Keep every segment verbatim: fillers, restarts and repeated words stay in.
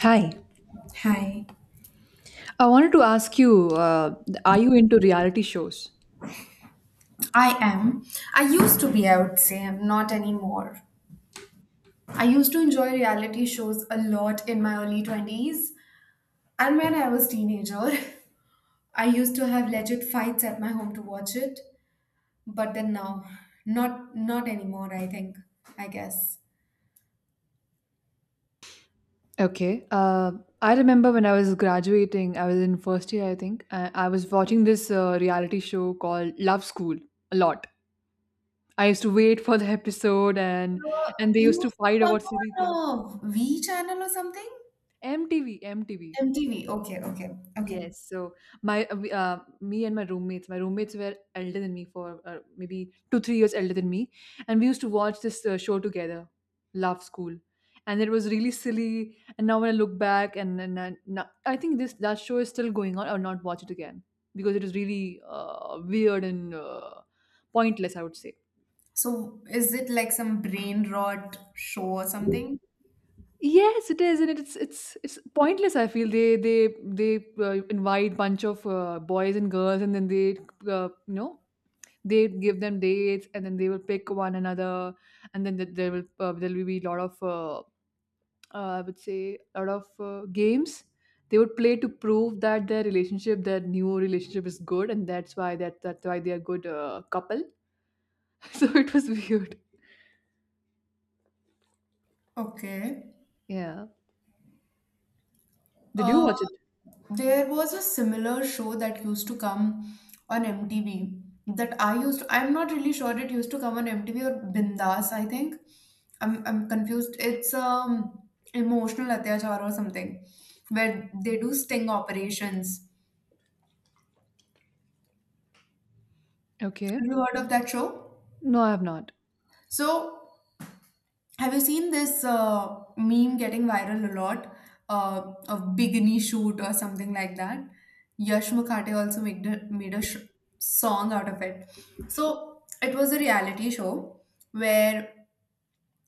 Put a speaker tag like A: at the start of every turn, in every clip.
A: Hi,
B: Hi,
A: I wanted to ask you, uh, are you into reality shows?
B: I am. I used to be, I would say, I'm not anymore. I used to enjoy reality shows a lot in my early twenties. And when I was teenager, I used to have legit fights at my home to watch it. But then now, not not anymore, I think, I guess.
A: Okay. Uh, I remember when I was graduating, I was in first year, I think. I, I was watching this uh, reality show called Love School a lot. I used to wait for the episode, and
B: Uh,
A: and they
B: You
A: used
B: used
A: to fight
B: to come
A: about silly things.
B: on a V channel or something?
A: M T V, M T V.
B: M T V. Okay, okay, okay.
A: Yes. So my uh, we- uh, me and my roommates, my roommates were elder than me for uh, maybe two three years elder than me, and we used to watch this uh, show together, Love School, and it was really silly. And now when I look back, and and, and now, I think this that show is still going on. I'll not watch it again because it is really uh, weird and uh, pointless, I would say.
B: So is it like some brain rot show or something?
A: Yes, it is, and it's it's it's pointless. I feel they they they uh, invite bunch of uh, boys and girls, and then they uh, you know they give them dates, and then they will pick one another, and then th- there will uh, there will be a lot of uh, uh, I would say a lot of uh, games they would play to prove that their relationship, their new relationship, is good, and that's why that that's why they are good uh, couple. So it was weird.
B: Okay.
A: Yeah. Did you watch it?
B: There was a similar show that used to come on M T V that I used I'm not really sure it used to come on M T V or Bindas, I think. I'm I'm confused. It's um emotional atyachar or something where they do sting operations.
A: Okay.
B: Have you heard of that show?
A: No, I have not.
B: So have you seen this uh, meme getting viral a lot uh, of bikini shoot or something like that? Yash Mukhate also made a, made a sh- song out of it. So it was a reality show where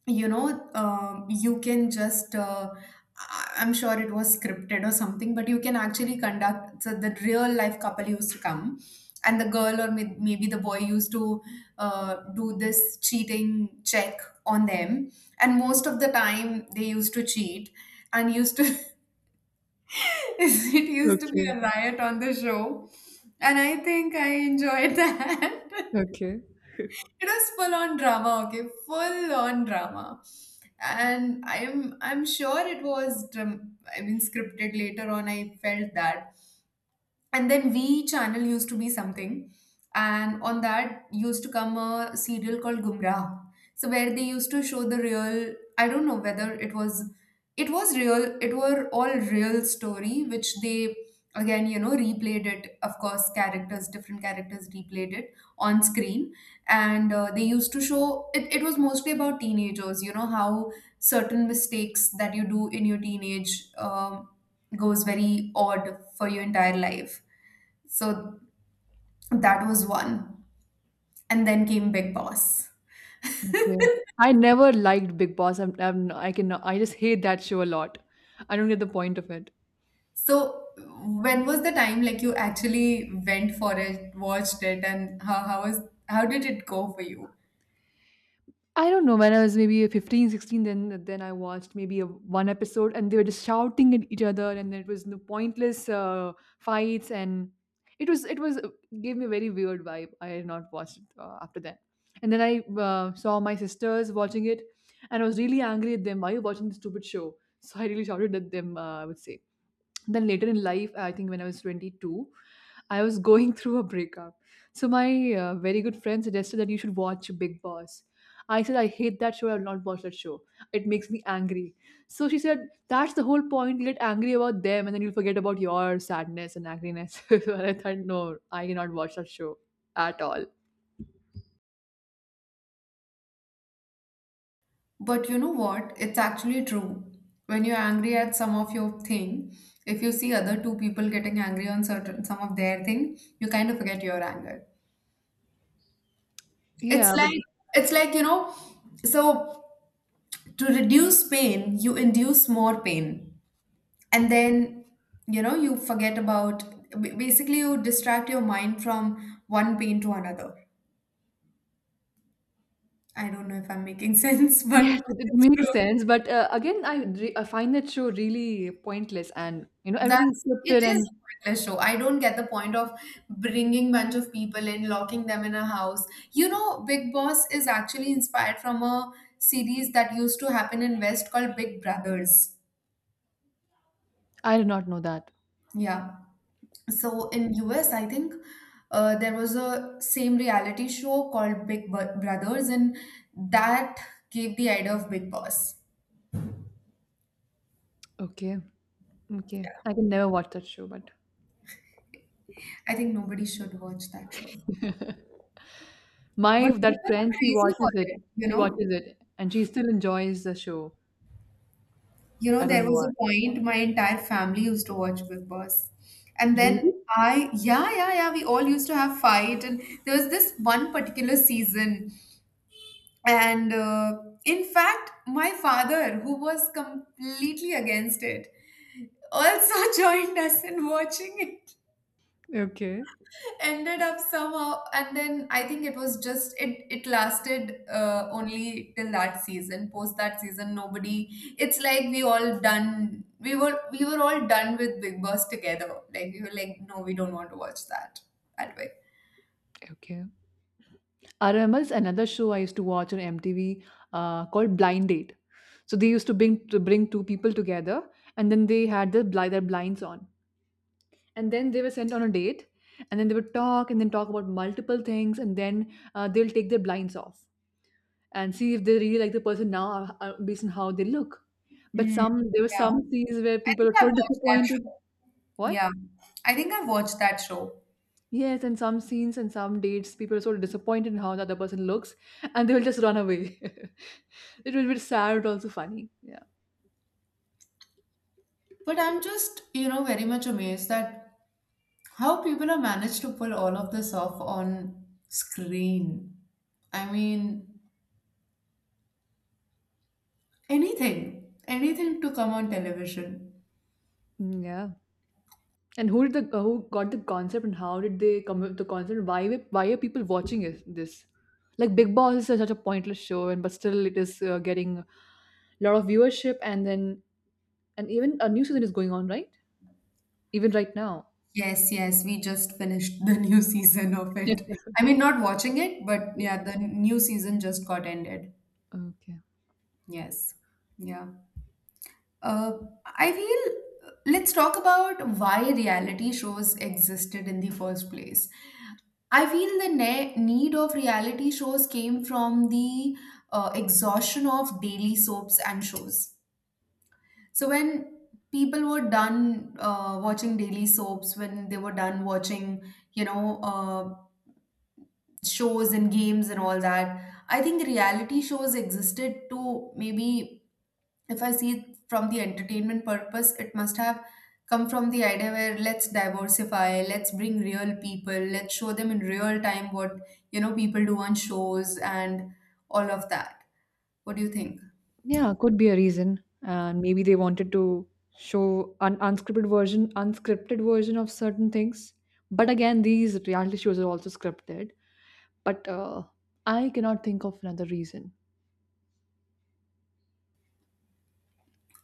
B: you know, um, you can just, uh, I- I'm sure it was scripted or something, but you can actually conduct so the real life couple used to come, and the girl or may- maybe the boy used to uh, do this cheating check on them, and most of the time they used to cheat and used to it used to be
A: Okay.
B: a riot on the show, and I think I enjoyed that.
A: Okay.
B: It was full on drama. Okay, full on drama. And i'm i'm sure it was dram- i mean scripted later on, I felt that. And then V channel used to be something, and on that used to come a serial called Gumrah. So where they used to show the real, I don't know whether it was, it was real, it were all real story, which they again, you know, replayed it. Of course, characters, different characters replayed it on screen, and uh, they used to show it. It was mostly about teenagers, you know how certain mistakes that you do in your teenage um, goes very odd for your entire life. So that was one. And then came Big Boss.
A: Okay. I never liked Big Boss. I'm, I'm I can I just hate that show a lot. I don't get the point of it.
B: So when was the time like you actually went for it, watched it, and how how was how did it go for you?
A: I don't know, when I was maybe fifteen, sixteen, then then I watched maybe a, one episode and they were just shouting at each other and there was no pointless uh, fights and it was it was gave me a very weird vibe. I had not watched it uh, after that, and then I uh, saw my sisters watching it, and I was really angry at them. Why are you watching this stupid show? So I really shouted at them, uh, I would say. Then later in life, I think when I was twenty-two, I was going through a breakup. So my uh, very good friend suggested that you should watch Big Boss. I said I hate that show, I will not watch that show, it makes me angry. So she said that's the whole point, get angry about them and then you'll forget about your sadness and angriness. And I thought, no, I cannot watch that show at all.
B: But you know what? It's actually true. When you're angry at some of your thing, if you see other two people getting angry on certain some of their thing, you kind of forget your anger.
A: Yeah,
B: It's
A: but
B: like, it's like, you know, so to reduce pain, you induce more pain. And then you know you forget about, ba- basically you distract your mind from one pain to another. I don't know if I'm making sense,
A: yes,
B: but
A: it it
B: it's true.
A: makes sense. But uh, again, I re I find that show really pointless, and you know everything is
B: That's, it
A: scripted,
B: is
A: and
B: a pointless show. I don't get the point of bringing bunch of people in, locking them in a house. You know, Big Boss is actually inspired from a series that used to happen in west called Big Brothers.
A: I did not know that.
B: Yeah. So in U S, I think uh, there was a same reality show called Big Bu- Brothers, and that gave the idea of Big Boss.
A: Okay. Okay, I can never watch that show, but
B: I think nobody should watch that show,
A: my
B: but people
A: that
B: are
A: friend, she
B: crazy for
A: watches it.
B: it. You
A: She
B: know,
A: watches it, and she still enjoys the show.
B: you know,
A: I
B: there
A: don't know
B: was
A: why.
B: a point my entire family used to watch Big Boss, and
A: Really?
B: then I, yeah, yeah, yeah, we all used to have fight, and there was this one particular season, and uh, in fact, my father, who was completely against it also joined us in watching it,
A: Okay.
B: ended up somehow. And then I think it was just it it lasted uh, only till that season. Post that season, nobody, it's like we all done, we were we were all done with Big Boss together. Like we were like, no, we don't want to watch that that way.
A: Okay. R M L's another show I used to watch on M T V uh, called Blind Date. So they used to bring to bring two people together, and then they had the bli- their blinds on, and then they were sent on a date, and then they would talk and then talk about multiple things, and then uh, they'll take their blinds off and see if they really like the person now uh, uh, based on how they look. But
B: Mm.
A: some there were
B: Yeah,
A: some scenes where
B: I
A: people
B: think
A: are
B: I've
A: so
B: watched that
A: disappointed.
B: show.
A: What?
B: Yeah, I think I've watched that show.
A: Yes, and some scenes and some dates, people are so disappointed in how the other person looks, and they will just run away. It will be sad, but also funny. Yeah.
B: But I'm just, you know, very much amazed that how people have managed to pull all of this off on screen. I mean, anything, anything to come on television.
A: Mm, yeah. And who did the uh, who got the concept, and how did they come up with the concept? Why were- why are people watching it, this? Like Big Boss is such a pointless show, and but still it is uh, getting a lot of viewership, and then and even a new season is going on, right? Even right now.
B: Yes, yes, we just finished the new season of it. I mean, not watching it, but yeah, the new season just got ended.
A: Okay.
B: Yes. Yeah. Uh, I feel let's talk about why reality shows existed in the first place. I feel the ne- need of reality shows came from the uh, exhaustion of daily soaps and shows. So when people were done uh, watching daily soaps, when they were done watching, you know, uh, shows and games and all that, I think reality shows existed to maybe, if I see it from the entertainment purpose, it must have come from the idea where let's diversify, let's bring real people, let's show them in real time what, you know, people do on shows and all of that. What do you think?
A: Yeah, could be a reason. And maybe they wanted to show an unscripted version, unscripted version of certain things. But again, these reality shows are also scripted. But uh, I cannot think of another reason.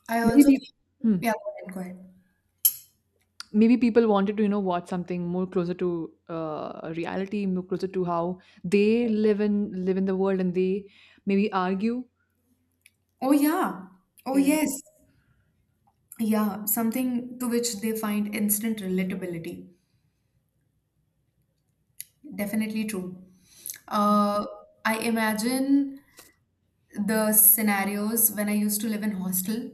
B: I also
A: Maybe,
B: feel-
A: hmm,
B: yeah, go ahead, go ahead.
A: maybe people wanted to, you know, watch something more closer to uh, reality, more closer to how they live in live in the world, and they maybe argue.
B: Oh yeah. Oh
A: Yeah.
B: yes. Yeah, something to which they find instant relatability. Definitely true. Uh, I imagine the scenarios when I used to live in hostel.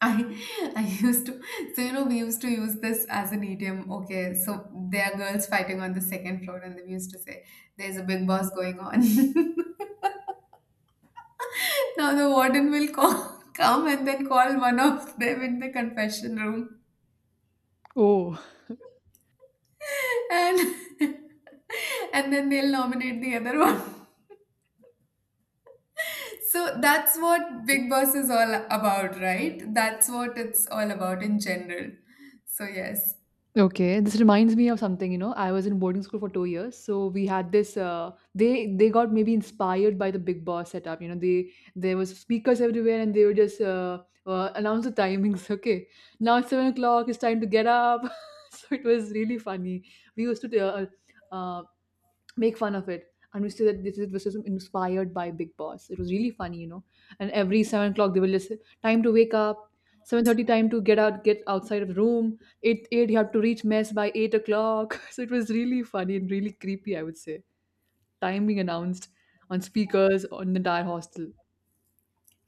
B: I I used to, so you know we used to use this as an idiom. Okay, so there are girls fighting on the second floor, and then we used to say there's a big boss going on. Now the warden will call, come and then call one of them in the confession room,
A: Oh.
B: and and then they'll nominate the other one. So that's what Big Boss is all about, right? That's what it's all about in general. So yes.
A: Okay, this reminds me of something, you know. I was in boarding school for two years, so we had this. Uh, they they got maybe inspired by the Big Boss setup, you know. They, there was speakers everywhere, and they would just uh, uh, announce the timings. Okay, now it's seven o'clock, it's time to get up. So it was really funny. We used to uh, uh, make fun of it. And we say that this is this is inspired by Big Boss. It was really funny, you know. And every seven o'clock they will just say, time to wake up, seven thirty time to get out, get outside of the room. Eight eight you have to reach mess by eight o'clock. So it was really funny and really creepy, I would say. Time being announced on speakers on the entire hostel.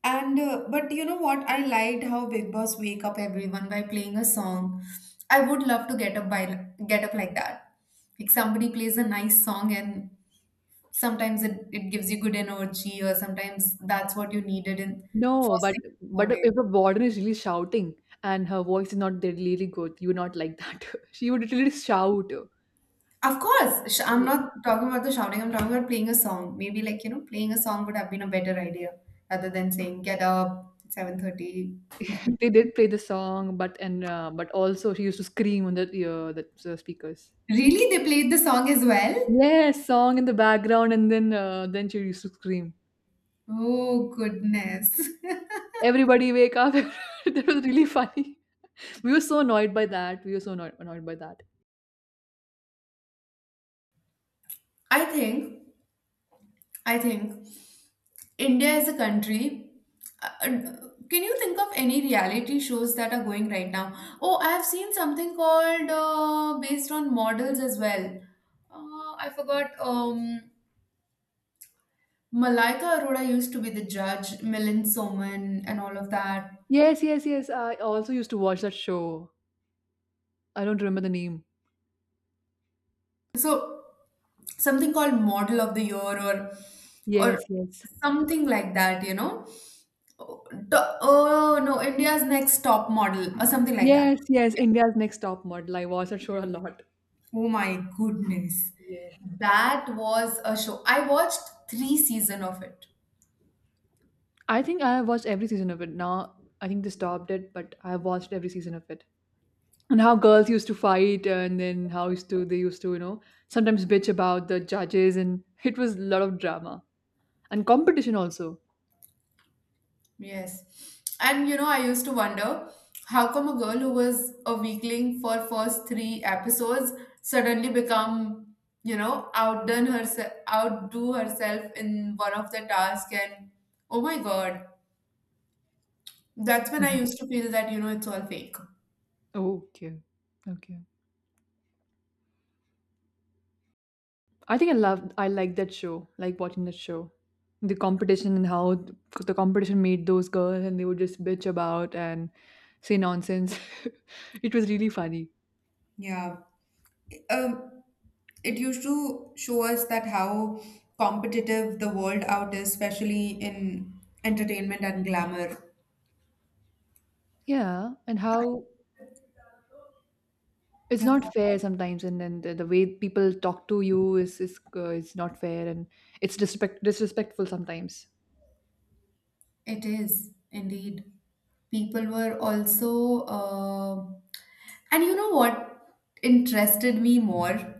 B: And uh, but you know what? I liked how Big Boss wake up everyone by playing a song. I would love to get up by get up like that. Like somebody plays a nice song and sometimes it, it gives you good energy, or sometimes that's what you needed in
A: No,
B: first
A: but
B: thing in the
A: but
B: morning.
A: if a warden is really shouting and her voice is not really good, you would not like that. She would literally shout.
B: Of course, sh- I'm not talking about the shouting. I'm talking about playing a song. Maybe like, you know, playing a song would have been a better idea rather than saying get up seven thirty.
A: They did play the song, but and uh, but also she used to scream on the ear, that the uh, speakers.
B: Really? They played the song as well?
A: Yes, song in the background, and then uh, then she used to scream.
B: Oh goodness.
A: Everybody wake up! That was really funny. We were so annoyed by that. We were so annoyed, annoyed by that.
B: I think, I think India is a country. Uh, uh, can you think of any reality shows that are going right now? Oh, I have seen something called uh, based on models as well. Uh, I forgot. Um, Malaika Arora used to be the judge, Milind Soman, and all of that.
A: Yes, yes, yes. I also used to watch that show. I don't remember the name.
B: So something called model of the year or or
A: Yes, yes,
B: something like that, you know. Oh, to- oh, no, India's next top model or something like that.
A: yes, yes.
B: Yeah.
A: India's Next Top Model. I watched that show a lot.
B: Oh my goodness,
A: Yeah.
B: that was a show. I watched three season of it.
A: I think I have watched every season of it. Now I think they stopped it, but I have watched every season of it. And how girls used to fight and then how used to they used to, you know, sometimes bitch about the judges, and it was a lot of drama and competition also.
B: Yes. And you know, I used to wonder how come a girl who was a weakling for first three episodes suddenly become, you know, outdone herself, outdo herself in one of the tasks, and oh my God. That's when I
A: Mhm.
B: used to feel that, you know, it's all fake.
A: Okay, okay, I think i love I like that show, like watching that show, the competition and how th- the competition made those girls and they would just bitch about and say nonsense. It was really funny.
B: Yeah. Um, it used to show us that how competitive the world out is, especially in entertainment and glamour.
A: Yeah, and how it's
B: Yeah,
A: not fair sometimes, and then the, the way people talk to you is is uh, is not fair, and it's disrespect disrespectful sometimes.
B: it is indeed. People were also, uh, and you know what interested me more?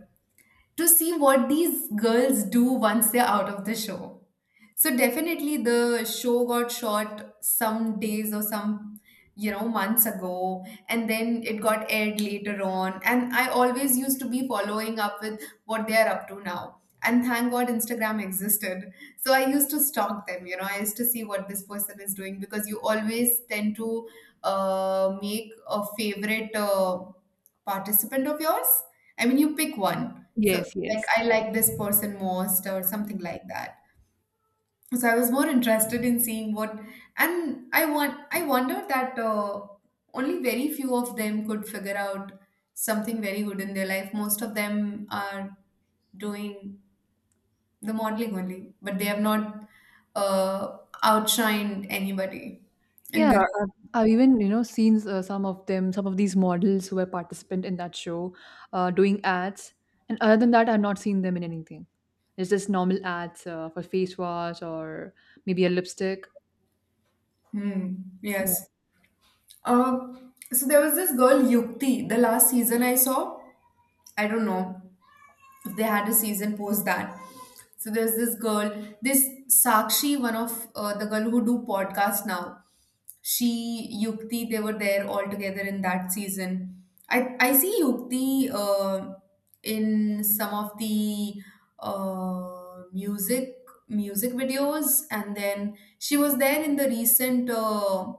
B: To see what these girls do once they're out of the show. So definitely the show got shot some days or some, you know, months ago, and then it got aired later on, and I always used to be following up with what they are up to now. And thank God Instagram existed. So I used to stalk them, you know, I used to see what this person is doing, because you always tend to uh, make a favorite uh, participant of yours. I mean, you pick one. So
A: Yes,
B: like
A: yes.
B: I like this person most or something like that. So I was more interested in seeing what, and I want I wondered that uh, only very few of them could figure out something very good in their life. Most of them are doing the modeling only, but they have not uh, outshined anybody in
A: Yeah,
B: the race.
A: I've even, you know, seen uh, some of them some of these models who were participant in that show uh, doing ads, and other than that, I've not seen them in anything. It's just normal ads uh, for face wash or maybe a lipstick.
B: Hmm.
A: Yeah.
B: Yes. Uh, so there was this girl Yukti the last season I saw. I don't know if they had a season post that. So there's this girl, this Sakshi, one of uh, the girl who do podcast now. She, Yukti, they were there all together in that season. I I see Yukti uh, in some of the uh, music music videos, and then she was there in the recent uh,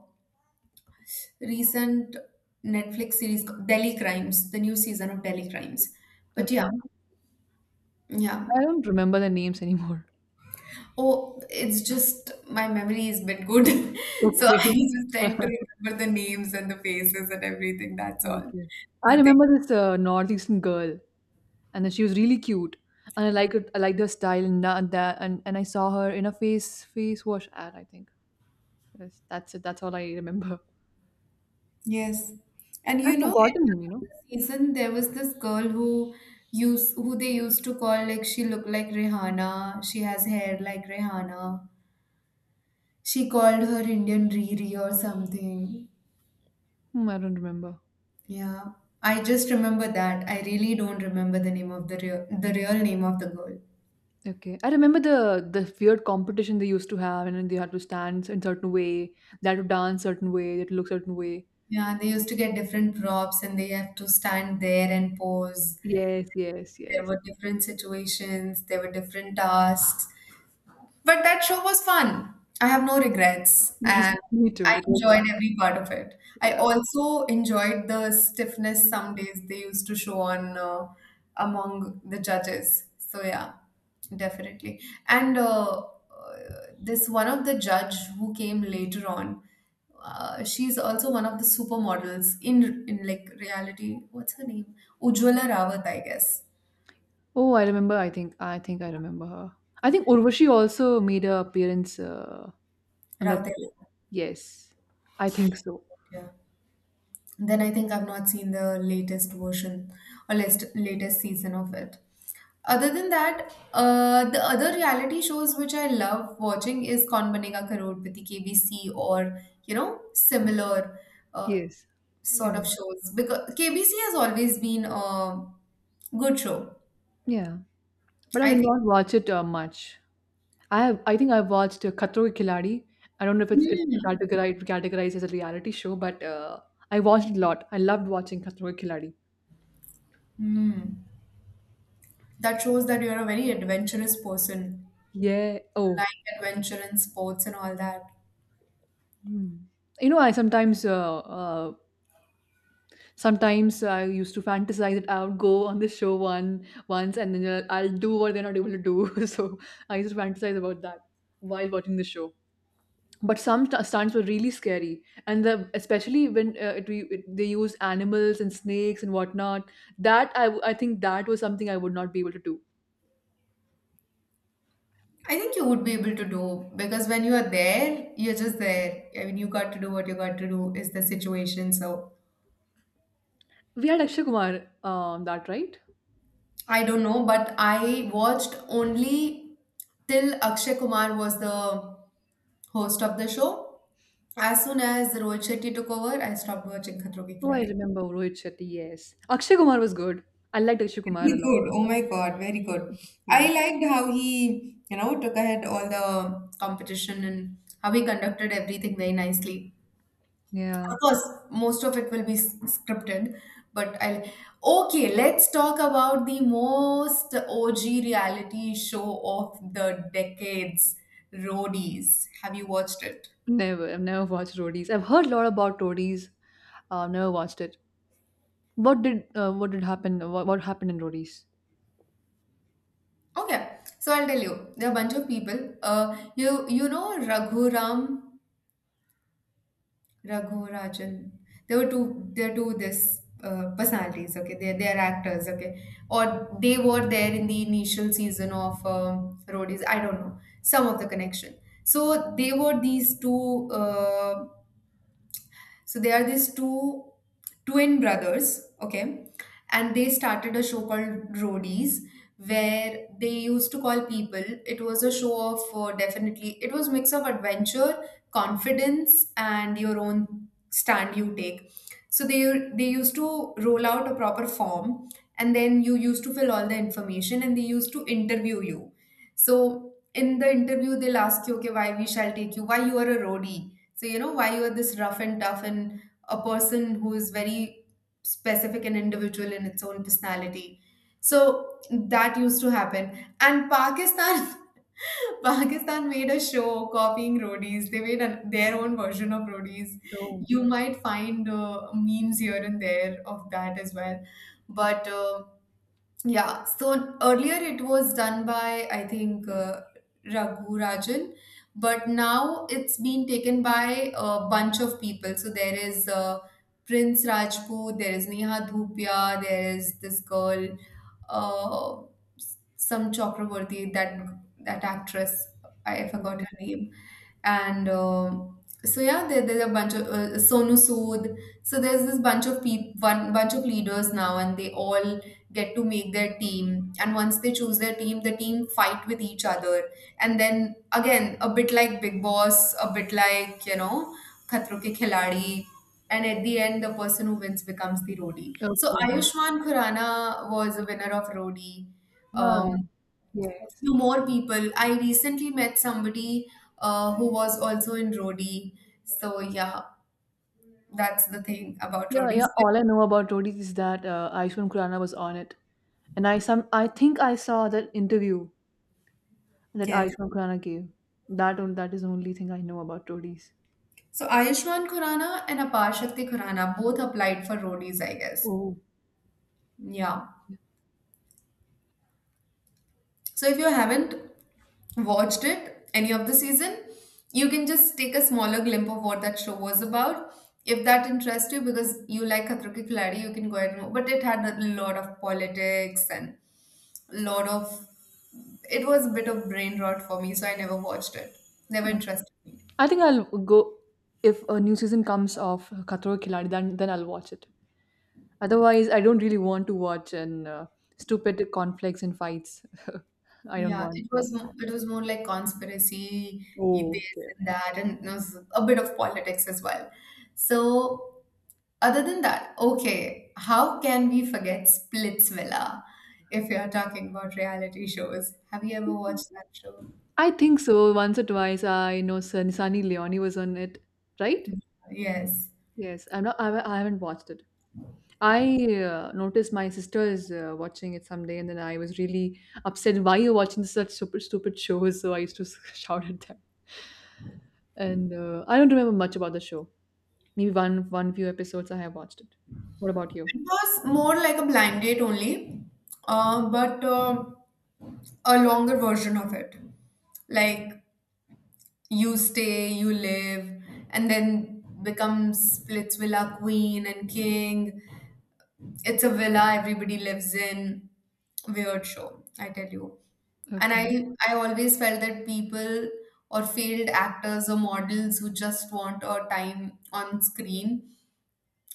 B: recent Netflix series Delhi Crimes, the new season of Delhi Crimes. But yeah,
A: Okay,
B: yeah.
A: I don't remember the names anymore.
B: Oh, it's just my memory is bit good. So
A: Okay.
B: I just tend to remember the names and the faces and everything. That's all.
A: Okay, I
B: Nothing.
A: remember this uh, northeastern girl, and then she was really cute, and i liked it I liked her style, and that that- and, and I saw her in a face face wash ad, I think. Yes, that's it, that's all I remember.
B: Yes. And you
A: I've
B: know, in
A: forgotten,
B: one
A: you
B: of
A: know.
B: the season there was this girl who used who they used to call, like she looked like Rihanna. She has hair like Rihanna. She called her Indian Riri or something.
A: Hmm, I don't remember.
B: Yeah, I just remember that. I really don't remember the name of the real the real name of the girl.
A: Okay, I remember the the weird competition they used to have, and then they had to stand in certain way, they had to dance certain way, they had to look certain way.
B: Yeah, they used to get different props and they have to stand there and pose.
A: Yes, yes,
B: There
A: yes.
B: were different situations, there were different tasks. But that show was fun. I have no regrets
A: Yes,
B: and
A: me
B: I
A: too, it was
B: enjoyed
A: fun.
B: every part of it. I
A: Yeah.
B: also enjoyed the stiffness some days they used to show on uh, among the judges. So yeah, definitely. And uh, uh, this one of the judge who came later on, uh, she's also one of the supermodels in in like reality. What's her name? Ujwala Rawat, I guess.
A: Oh, I remember, i think I think I remember her. I think Urvashi also made a appearance uh, on that
B: Rawat.
A: show. Yes, I think so.
B: Yeah. Then I think I've not seen the latest version or latest latest season of it. Other than that, uh, the other reality shows which I love watching is Kaun Banega Karorpati K B C or you know similar uh,
A: Yes,
B: sort
A: yeah,
B: of shows because K B C has always been a good show.
A: yeah. But I
B: I
A: did
B: think.
A: not watch it uh, much. I have, I think I watched uh, Khatro Ke Khiladi. I don't know if it's it's
B: Hmm.
A: categorized categorized as a reality show, but uh, I watched it a lot. I loved watching Khatro Ke Khiladi.
B: Hmm. That shows that you're a very adventurous person,
A: Yeah.
B: like
A: Oh.
B: adventure and sports and all that.
A: Hmm. You know, I sometimes, uh, uh, sometimes I used to fantasize that I would go on the show one once, and then I'll, I'll do what they're not able to do. So I used to fantasize about that while watching the show. But some stu- stunts were really scary, and the especially when uh, it, we- it, they use animals and snakes and whatnot. that I, w- I think that was something I would not be able to do.
B: I think you would be able to do because when you are there, you're just there. I mean, you got to do what you got to do is the situation. So
A: We had Akshay Kumar, um, that right?
B: I don't know, but I watched only till Akshay Kumar was the host of the show. As soon as Rohit Shetty took over, I stopped watching Khatro Ke
A: Oh, I
B: Khiladi.
A: remember Rohit Shetty. Yes, Akshay Kumar was good. I liked Akshay Kumar
B: Very
A: a lot.
B: good. Oh my God, very good. I
A: Yes.
B: liked how he, you know, took ahead all the competition and how he conducted everything very nicely.
A: Yeah.
B: Of course, most of it will be s- scripted, but I'll. Okay, let's talk about the most O G reality show of the decades, Roadies. Have you watched it?
A: Never, I've never watched Roadies. I've heard a lot about Roadies, uh, never watched it. What did uh, what did happen, what, what happened in Roadies?
B: Okay, so I'll tell you. There are a bunch of people. Uh, you you know Raghuram Raghu Rajan. There were two. There are two this uh, personalities. Okay, they they are actors. Okay, or they were there in the initial season of um, Roadies. I don't know some of the connection. So they were these two. Uh, so there are these two twin brothers, okay? And they started a show called Roadies, where they used to call people. It was a show of uh, definitely, it was mix of adventure, confidence, and your own stand you take. So they they used to roll out a proper form, and then you used to fill all the information, and they used to interview you. So in the interview, they'll ask you, okay, why we shall take you, why you are a roadie so, you know, why you are this rough and tough and a person who is very specific and individual in its own personality. So that used to happen. And Pakistan, Pakistan made a show copying roadies. They made an, their own version of roadies.
A: Oh.
B: You might find uh, memes here and there of that as well. But uh, yeah, so earlier it was done by, I think, uh, Raghu Rajan, but now it's been taken by a bunch of people. So there is uh, Prince Rajput, there is Neha Dhupia, there is this girl uh, some Chakraborty, that that actress, I forgot
A: Okay,
B: her name, and um so yeah, there, there's a bunch of uh, Sonu Sood. So there's this bunch of peop one bunch of leaders now, and they all get to make their team. And once they choose their team, the team fight with each other, and then again a bit like Big Boss, a bit like you know Khatro Ke Khiladi, and at the end the person who wins becomes the roadie. So
A: okay.
B: Ayushmann Khurrana was a winner of Rodi.
A: Ah,
B: Um, a
A: yes.
B: few more people. I recently met somebody uh, who was also in Rodi. So yeah, that's the thing about
A: Yeah,
B: Rodis.
A: yeah.
B: But
A: All I know about Rodi is that uh, Ayushmann Khurrana was on it, and I some I think I saw that interview that
B: yes.
A: Ayushmann Khurrana gave. That on, that is the only thing I know about Rodi's.
B: So Ayushmann Khurrana and Apar Shakti Khurrana both applied for Rodis, I guess.
A: Oh,
B: Yeah. So if you haven't watched it, any of the season, you can just take a smaller glimpse of what that show was about. If that interests you, because you like Khatro Ke Khiladi, you can go ahead and watch. But it had a lot of politics and lot of. It was a bit of brain rot for me, so I never watched it. Never
A: yeah.
B: interested me.
A: I think I'll go, if a new season comes of Khatro Ke Khiladi, then then I'll watch it. Otherwise, I don't really want to watch, and uh, stupid conflicts and fights. I don't
B: Yeah,
A: want to
B: it
A: watch
B: was mo-
A: that.
B: it was more like conspiracy, e-
A: Oh,
B: this
A: okay.
B: and that, and there was a bit of politics as well. So, other than that, okay, how can we forget Splitsvilla if you're talking about reality shows? Have you ever watched that show?
A: I think so. Once or twice, I know Sir Nisani Leoni was on it, right?
B: Yes.
A: Yes, I'm not. I, haven't- I haven't watched it. I uh, noticed my sister is uh, watching it someday, and then I was really upset. Why you're watching such super stupid shows? So I used to shout at them. And uh, I don't remember much about the show. Maybe one, one few episodes I have watched it. What about
B: It
A: you?
B: was more like a blind date only, uh, but um a longer version of it. Like you stay, you live, and then becomes splits villa queen and king. It's a villa everybody lives in. Weird show, I tell you. And I
A: Okay.
B: I always felt that people or failed actors or models who just want a time on screen,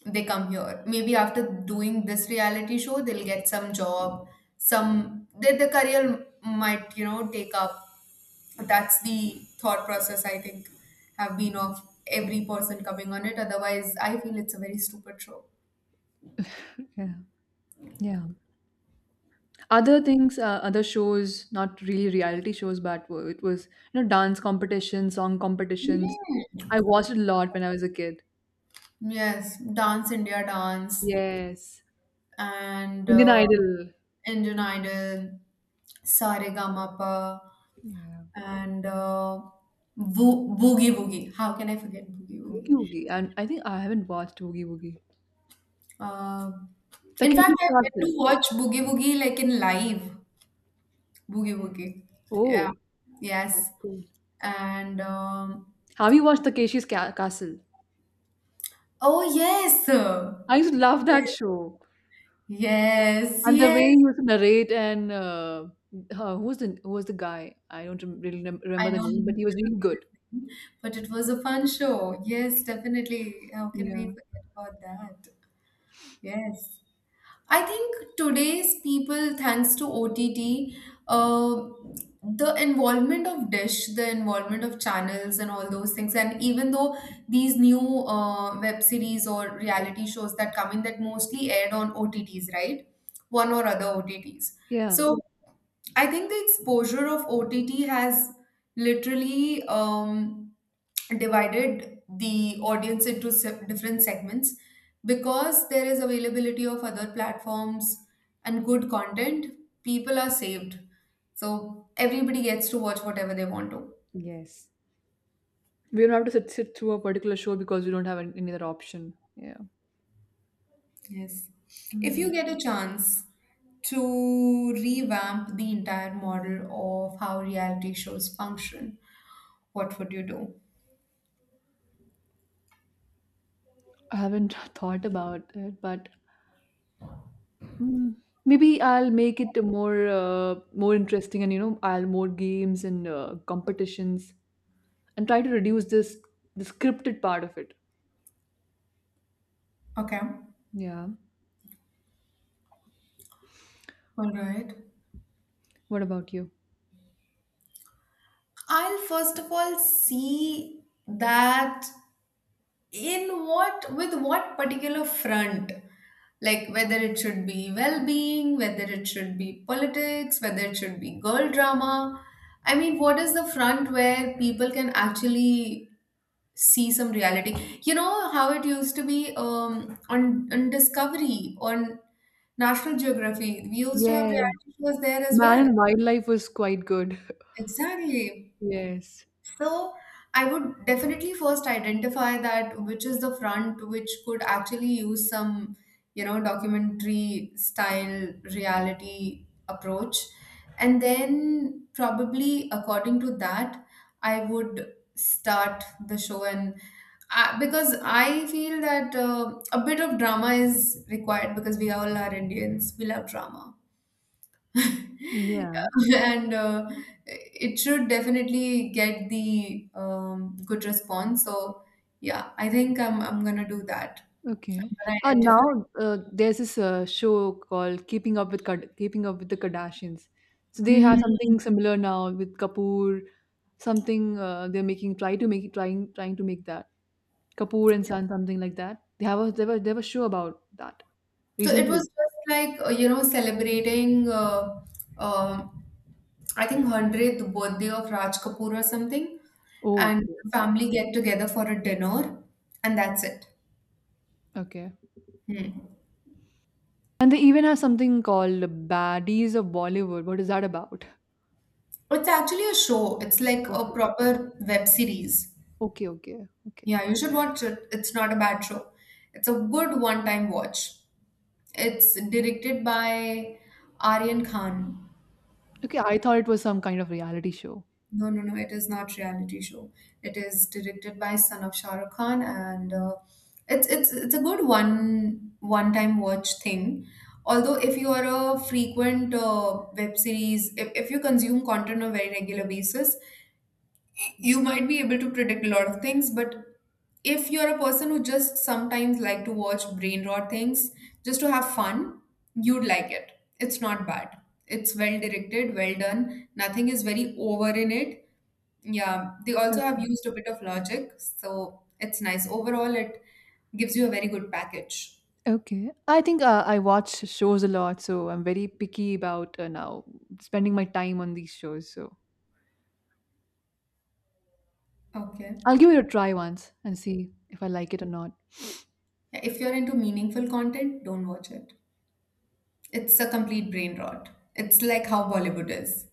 B: they come here. Maybe after doing this reality show, they'll get some job, some their, their career might, you know, take up that's the thought process I think have been of every person coming on it. Otherwise, I feel it's a very stupid show.
A: Yeah. Yeah. Other things, uh, other shows, not really reality shows, but w- it was, you know, dance competitions, song competitions.
B: Mm.
A: I watched it a lot when I was a kid.
B: Yes, Dance India Dance
A: Yes.
B: and
A: Indian
B: uh,
A: Idol.
B: Indian Idol, Saregamapa,
A: Yeah.
B: and uh, Bo- Boogie Woogie. How can I forget Boogie Woogie?
A: Boogie Woogie. And I think I haven't watched Boogie Woogie.
B: Uh, in fact,
A: Takeshi's
B: I went
A: Castle.
B: to watch Boogie Woogie like in live. Boogie Woogie. Yeah.
A: Oh, that's
B: Yes.
A: cool.
B: And um,
A: Have you watched Takeshi's Ca- Castle?
B: oh, yes. Yes,
A: I used to love that show.
B: yes,
A: And the way
B: yes.
A: he used to narrate and uh, uh, who was the who was the guy? I don't rem- really rem-
B: I
A: remember
B: don't
A: the name, but he was
B: remember
A: really
B: his
A: good.
B: name, but it was a fun show. Yes, definitely. How can we
A: Yeah.
B: forget about that? Yes. I think today's people, thanks to O T T, uh, the involvement of Dish, the involvement of channels, and all those things, and even though these new uh, web series or reality shows that come in that mostly aired on O T Ts, right? One or other O T Ts.
A: Yeah.
B: So I think the exposure of O T T has literally um, divided the audience into se- different segments because there is availability of other platforms and good content. People are saved, so everybody gets to watch whatever they want to.
A: Yes. We don't have to sit, sit through a particular show because we don't have an- any other option. Yeah.
B: Yes, if
A: Hmm.
B: you get a chance to revamp the entire model of how reality shows function, what would you do?
A: I haven't thought about it, but mm, maybe I'll make it more uh, more interesting, and you know, I'll more games and uh, competitions, and try to reduce this the scripted part of it.
B: Okay,
A: Yeah.
B: all right.
A: What about you?
B: I'll first of all see that in what, with what particular front, like whether it should be well being, whether it should be politics, whether it should be girl drama. I mean, what is the front where people can actually see some reality? You know how it used to be um, on, on Discovery, on National Geography, we used to have
A: Yeah.
B: reality shows there as
A: Man
B: well.
A: and wildlife was quite good.
B: Exactly.
A: Yes.
B: So I would definitely first identify that which is the front which could actually use some, you know, documentary style reality approach. And then probably according to that, I would start the show and uh, because I feel that uh, a bit of drama is required because we all are Indians, we love drama.
A: Yeah.
B: and uh, it should definitely get the um, good response. So yeah, I think I'm I'm gonna do that.
A: Okay.
B: I'm gonna
A: Uh,
B: identify.
A: now uh, there's this uh, show called Keeping Up with Kad- Keeping Up with the Kardashians. So they have
B: Hmm.
A: something similar now with Kapoor. Something uh, they're making, try to make trying trying to make that. Kapoor and Son, something like that. They have a they were they were show about that
B: So it was
A: recently.
B: just like uh, you know celebrating. Uh, um I think hundredth birthday of Raj Kapoor or something,
A: Oh,
B: and
A: okay,
B: family get together for a dinner, and that's it.
A: okay, okay.
B: Hmm.
A: And they even have something called Baddies of Bollywood. What is that about?
B: It's actually a show. It's like a
A: Okay,
B: proper web series.
A: okay, okay, okay.
B: Yeah, you should watch it. It's not a bad show. It's a good one-time watch. It's directed by Aryan Khan.
A: Okay, I thought it was some kind of reality show.
B: No, no, no, it is not reality show. It is directed by son of Shah Rukh Khan and uh, it's it's it's a good one one-time watch thing. Although if you are a frequent uh, web series, if, if you consume content on a very regular basis, you might be able to predict a lot of things but if you're a person who just sometimes like to watch brain rot things just to have fun you'd like it, it's not bad, it's well directed, well done, nothing is very over in it. Yeah, they also have
A: Okay.
B: used a bit of logic, so it's nice overall. It gives you a very good package.
A: Okay. I think uh, I watch shows a lot, so I'm very picky about uh, now spending my time on these shows. So
B: Okay,
A: I'll give it a try once and see if I like it or not.
B: yeah, if you're into meaningful content don't watch it. It's a complete brain rot. It's like how Bollywood is.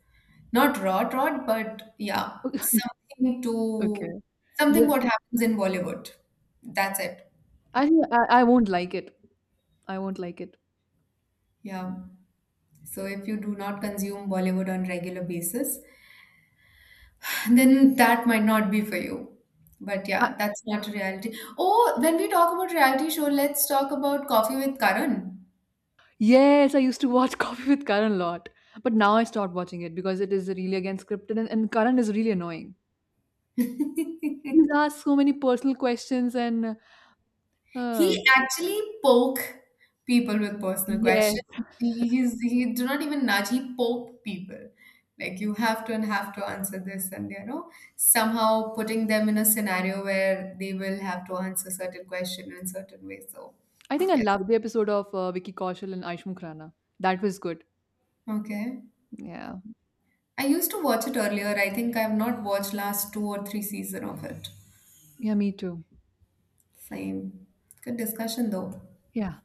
B: Not rot rot, but yeah, something to
A: Okay.
B: something
A: But
B: what happens in Bollywood. That's it.
A: I think I, I won't like it. I won't like it.
B: Yeah. So if you do not consume Bollywood on regular basis, then that might not be for you. But
A: I,
B: yeah, that's not reality. Oh, when we talk about reality show, let's talk about Coffee with Karan.
A: yes, I used to watch Coffee with Karan a lot, but now I stopped watching it because it is really again scripted, and, and Karan is really annoying. He's asked so many personal questions, and uh,
B: He actually poke people with personal
A: yes,
B: questions. He, he's, he do not even nudge, he poke people. Like you have to and have to answer this and you know, somehow putting them in a scenario where they will have to answer certain question in certain way. So
A: I think I
B: yes.
A: loved the episode of uh, Vicky Kaushal and Aish Khurana. That was good.
B: Okay.
A: Yeah,
B: I used to watch it earlier. I think I've not watched last two or three season of it.
A: yeah, me too.
B: Same. Good discussion though.
A: Yeah.